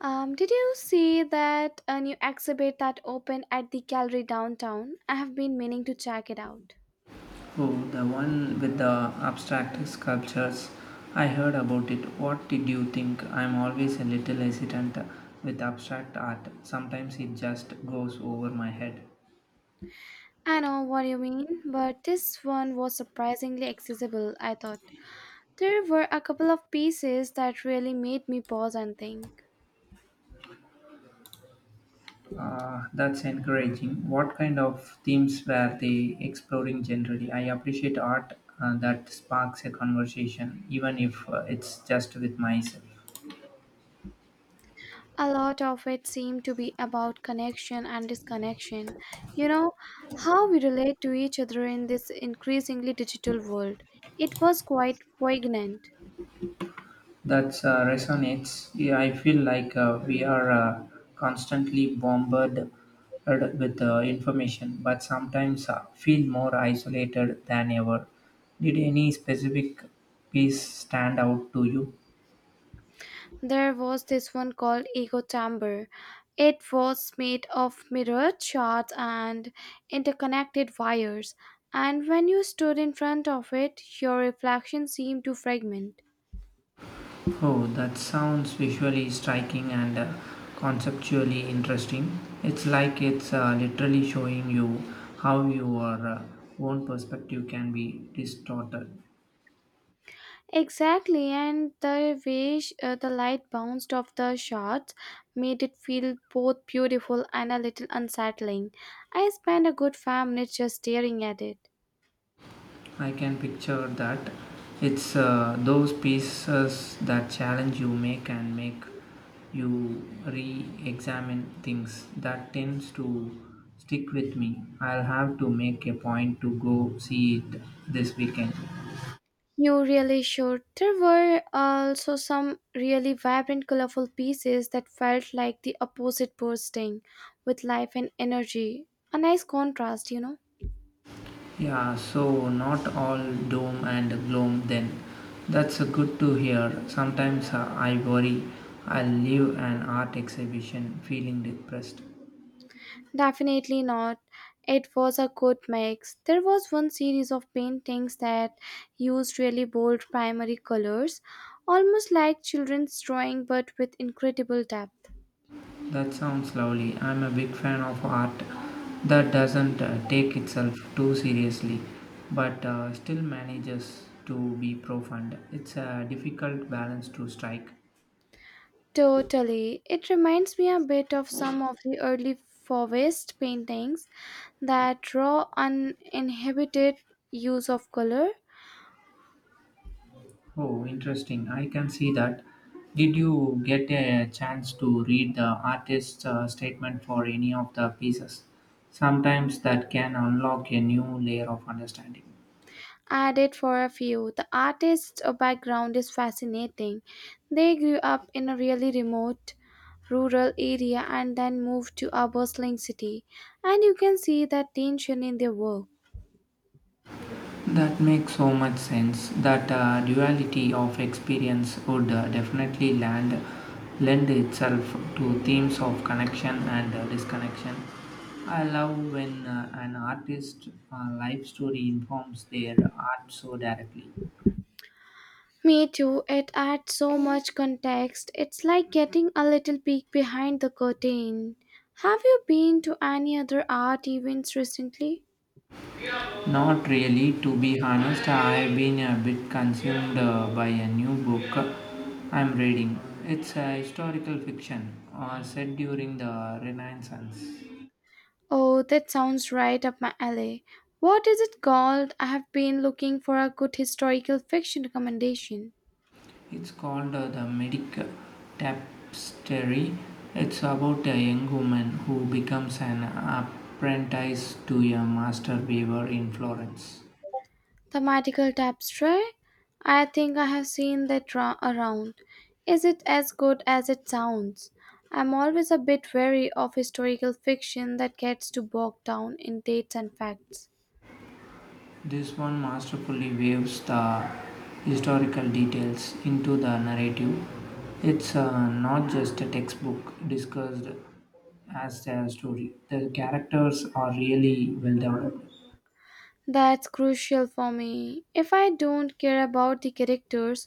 Did you see that a new exhibit that opened at the gallery downtown? I have been meaning to check it out. Oh, the one with the abstract sculptures. I heard about it. What did you think? I'm always a little hesitant with abstract art. Sometimes it just goes over my head. I know what you mean, but this one was surprisingly accessible, I thought. There were a couple of pieces that really made me pause and think. Ah, that's encouraging. What kind of themes were they exploring generally? I appreciate art that sparks a conversation, even if it's just with myself. A lot of it seemed to be about connection and disconnection. You know, how we relate to each other in this increasingly digital world. It was quite poignant. That resonates. Yeah, I feel like we are constantly bombarded with information, but sometimes feel more isolated than ever. Did any specific piece stand out to you? There was this one called Ego Chamber. It was made of mirrored shards and interconnected wires, and when you stood in front of it, your reflection seemed to fragment. Oh, that sounds visually striking and conceptually interesting. It's like it's literally showing you how your own perspective can be distorted. Exactly, and the way the light bounced off the shards made it feel both beautiful and a little unsettling. I spent a good 5 minutes just staring at it. I can picture that. It's those pieces that challenge you make you re examine things that tends to stick with me. I'll have to make a point to go see it this weekend. You really should. There were also some really vibrant, colorful pieces that felt like the opposite bursting with life and energy. A nice contrast, you know? Yeah, so not all doom and gloom then. That's good to hear. Sometimes I worry I'll leave an art exhibition feeling depressed. Definitely not. It was a good mix. There was one series of paintings that used really bold primary colors, almost like children's drawing but with incredible depth. That sounds lovely. I'm a big fan of art that doesn't take itself too seriously but still manages to be profound. It's a difficult balance to strike. Totally. It reminds me a bit of some of the early Fauvist paintings, that raw, uninhibited use of color. Oh, interesting. I can see that. Did you get a chance to read the artist's statement for any of the pieces? Sometimes that can unlock a new layer of understanding. Added for a few, the artist's background is fascinating. They grew up in a really remote rural area and then moved to a bustling city, and you can see that tension in their work. That makes so much sense. That duality of experience would definitely lend itself to themes of connection and disconnection. I love when an artist's life story informs their art so directly. Me too, it adds so much context. It's like getting a little peek behind the curtain. Have you been to any other art events recently? Not really, to be honest, I've been a bit consumed by a new book I'm reading. It's a historical fiction set during the Renaissance. Oh, that sounds right up my alley. What is it called? I have been looking for a good historical fiction recommendation. It's called The Medic Tapestry. It's about a young woman who becomes an apprentice to a master weaver in Florence. Thematical tapestry? I think I have seen that around. Is it as good as it sounds? I'm always a bit wary of historical fiction that gets too bogged down in dates and facts. This one masterfully weaves the historical details into the narrative. It's not just a textbook discussed as a story. The characters are really well developed. That's crucial for me. If I don't care about the characters,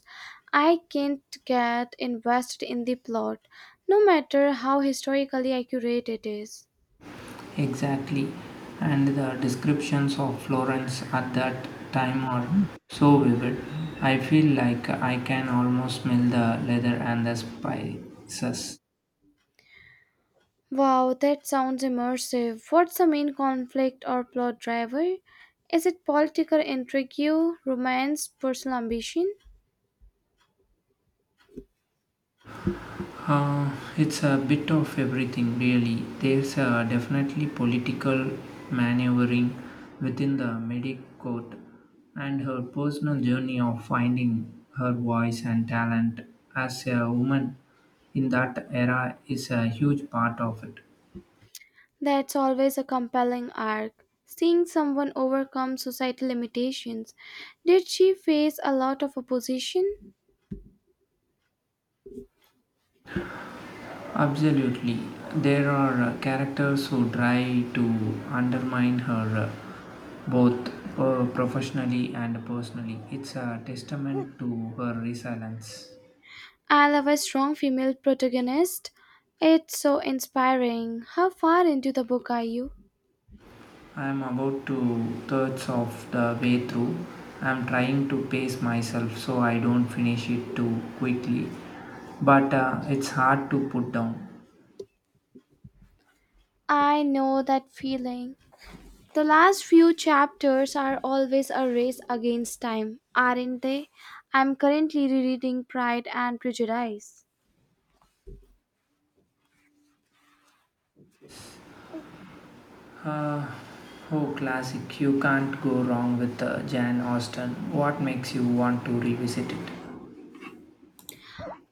I can't get invested in the plot, no matter how historically accurate it is. Exactly, and the descriptions of Florence at that time are so vivid. I feel like I can almost smell the leather and the spices. Wow, that sounds immersive. What's the main conflict or plot driver? Is it political intrigue, romance, personal ambition? It's a bit of everything, really. There's definitely political maneuvering within the Medic court, and her personal journey of finding her voice and talent as a woman in that era is a huge part of it. That's always a compelling arc. Seeing someone overcome societal limitations. Did she face a lot of opposition? Absolutely. There are characters who try to undermine her both professionally and personally. It's a testament to her resilience. I love a strong female protagonist. It's so inspiring. How far into the book are you? I am about two-thirds of the way through. I'm trying to pace myself so I don't finish it too quickly, but it's hard to put down. I know that feeling. The last few chapters are always a race against time, aren't they? I'm currently rereading Pride and Prejudice. Oh, classic. You can't go wrong with Jan Austen. What makes you want to revisit it?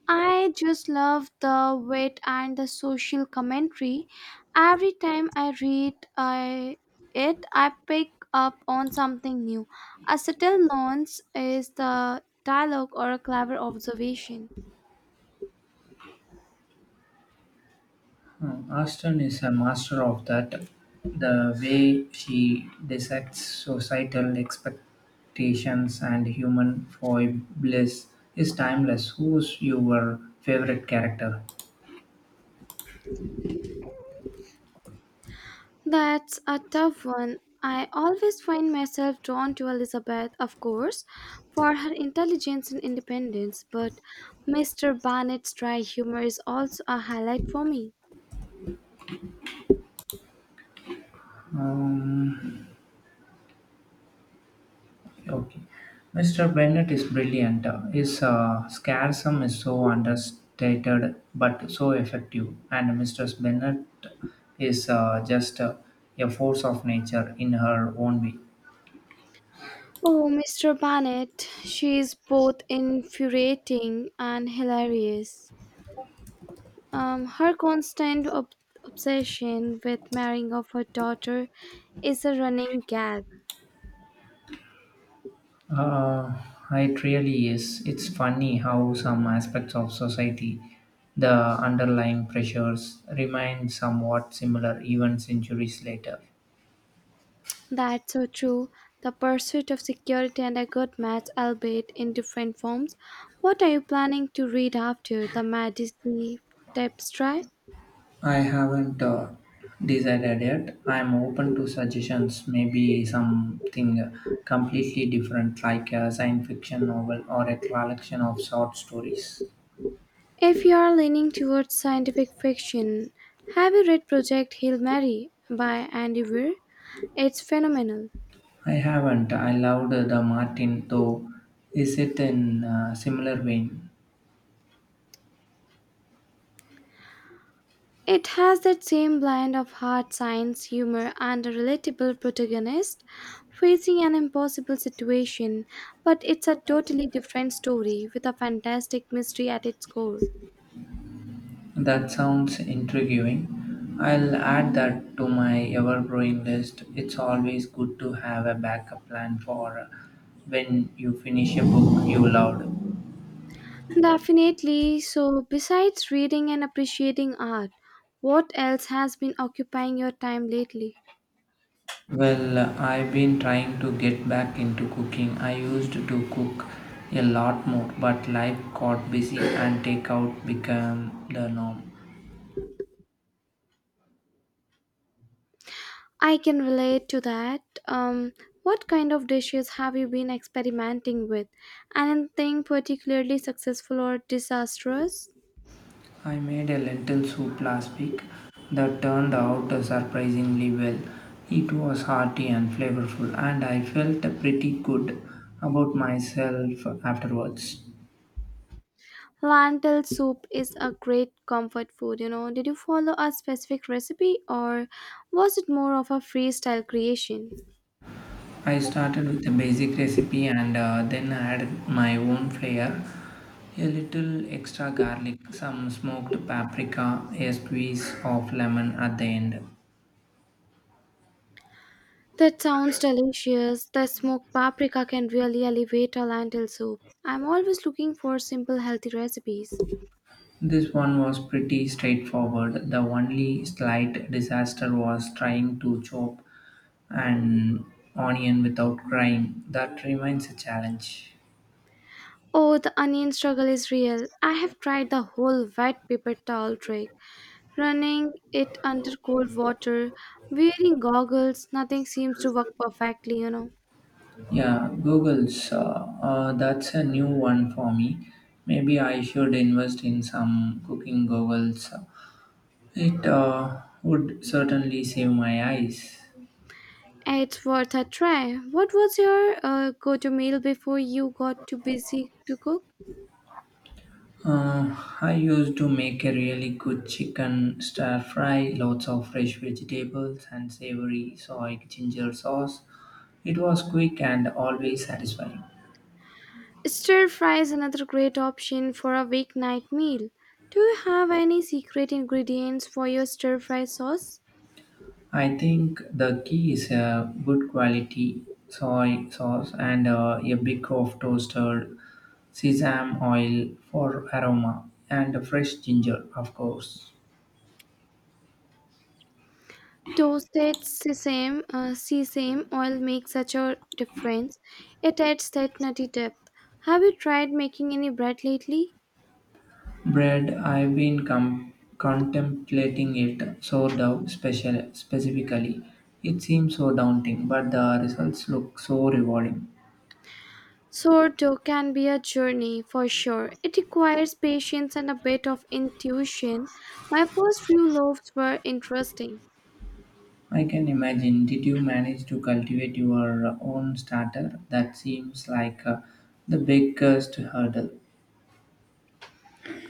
I just love the wit and the social commentary. Every time I read it, I pick up on something new. A subtle nuance is the dialogue or a clever observation. Austen is a master of that. The way she dissects societal expectations and human foibles is timeless. Who's your favorite character? That's a tough one. I always find myself drawn to Elizabeth, of course, for her intelligence and independence, but Mr. Barnett's dry humor is also a highlight for me. Um, okay. Mr. Bennett is brilliant. His scarsum is so understated but so effective. And Mistress Bennett is just a force of nature in her own way. Oh, Mr. Barnett, she is both infuriating and hilarious. Her constant obsession with marrying of her daughter is a running gag. Uh, it really is. It's funny how some aspects of society, the underlying pressures, remain somewhat similar even centuries later. That's so true. The pursuit of security and a good match, albeit in different forms. What are you planning to read after the Medici Tapestry? I haven't decided yet. I'm open to suggestions, maybe something completely different, like a science fiction novel or a collection of short stories. If you are leaning towards scientific fiction, have you read Project Hail Mary by Andy Weir? It's phenomenal. I haven't. I loved the Martin, though. Is it in a similar vein? It has that same blend of hard science, humor, and a relatable protagonist facing an impossible situation, but it's a totally different story with a fantastic mystery at its core. That sounds intriguing. I'll add that to my ever growing list. It's always good to have a backup plan for when you finish a book you loved. Definitely, so besides reading and appreciating art, what else has been occupying your time lately? Well, I've been trying to get back into cooking. I used to cook a lot more, but life got busy and takeout became the norm. I can relate to that. Um, what kind of dishes have you been experimenting with? Anything particularly successful or disastrous? I made a lentil soup last week that turned out surprisingly well. It was hearty and flavorful, and I felt pretty good about myself afterwards. Lentil soup is a great comfort food, you know. Did you follow a specific recipe or was it more of a freestyle creation? I started with a basic recipe and then added my own flair a little extra garlic, some smoked paprika, a squeeze of lemon at the end. That sounds delicious. The smoked paprika can really elevate a lentil soup. I'm always looking for simple, healthy recipes. This one was pretty straightforward. The only slight disaster was trying to chop an onion without crying. That remains a challenge. Oh, the onion struggle is real. I have tried the whole white paper towel trick, running it under cold water, wearing goggles, nothing seems to work perfectly, you know. Yeah, Google's. That's a new one for me. Maybe I should invest in some cooking goggles. It would certainly save my eyes. It's worth a try. What was your go to meal before you got too busy to cook? Uh, I used to make a really good chicken stir fry, lots of fresh vegetables and savory soy ginger sauce. It was quick and always satisfying. Stir fry is another great option for a weeknight meal. Do you have any secret ingredients for your stir fry sauce? I think the key is a good quality soy sauce and a bit of toasted sesame oil for aroma and fresh ginger, of course. Toasted sesame oil makes such a difference. It adds that nutty depth. Have you tried making any bread lately? Bread, contemplating it, specifically. It seems so daunting, but the results look so rewarding. Sourdough can be a journey for sure. It requires patience and a bit of intuition. My first few loaves were interesting. I can imagine. Did you manage to cultivate your own starter? That seems like the biggest hurdle.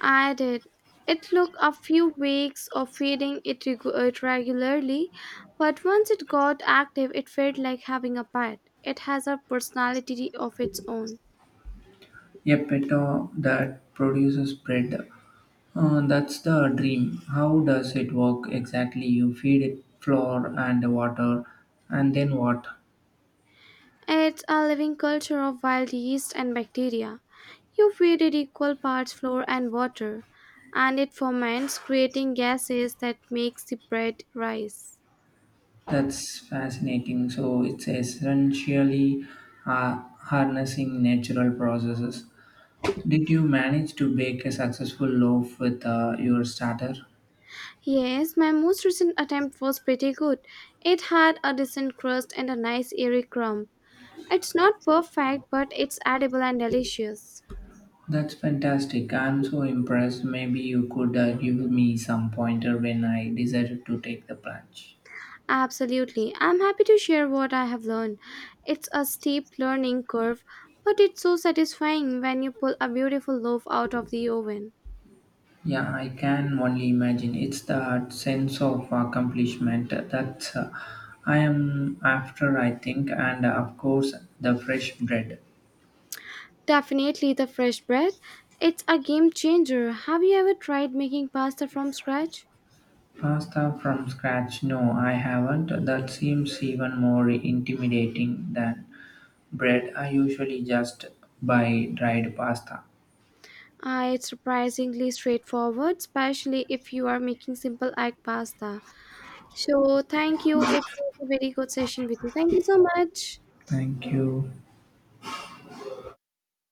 I did. It took a few weeks of feeding it regularly, but once it got active, it felt like having a pet. It has a personality of its own. A peto that produces bread. That's the dream. How does it work exactly? You feed it flour and water, and then what? It's a living culture of wild yeast and bacteria. You feed it equal parts flour and water, and it ferments, creating gases that makes the bread rise. That's fascinating. So it's essentially harnessing natural processes. Did you manage to bake a successful loaf with your starter? Yes, my most recent attempt was pretty good. It had a decent crust and a nice airy crumb. It's not perfect, but it's edible and delicious. That's fantastic. I'm so impressed. Maybe you could give me some pointer when I decided to take the plunge. Absolutely. I'm happy to share what I have learned. It's a steep learning curve, but it's so satisfying when you pull a beautiful loaf out of the oven. Yeah, I can only imagine. It's that sense of accomplishment that I am after, I think, and of course, the fresh bread. Definitely the fresh bread. It's a game changer. Have you ever tried making pasta from scratch? Pasta from scratch no I haven't, that seems even more intimidating than bread I usually just buy dried pasta. It's surprisingly straightforward, especially if you are making simple egg pasta. So, thank you. It was a very good session with you. Thank you so much. Thank you.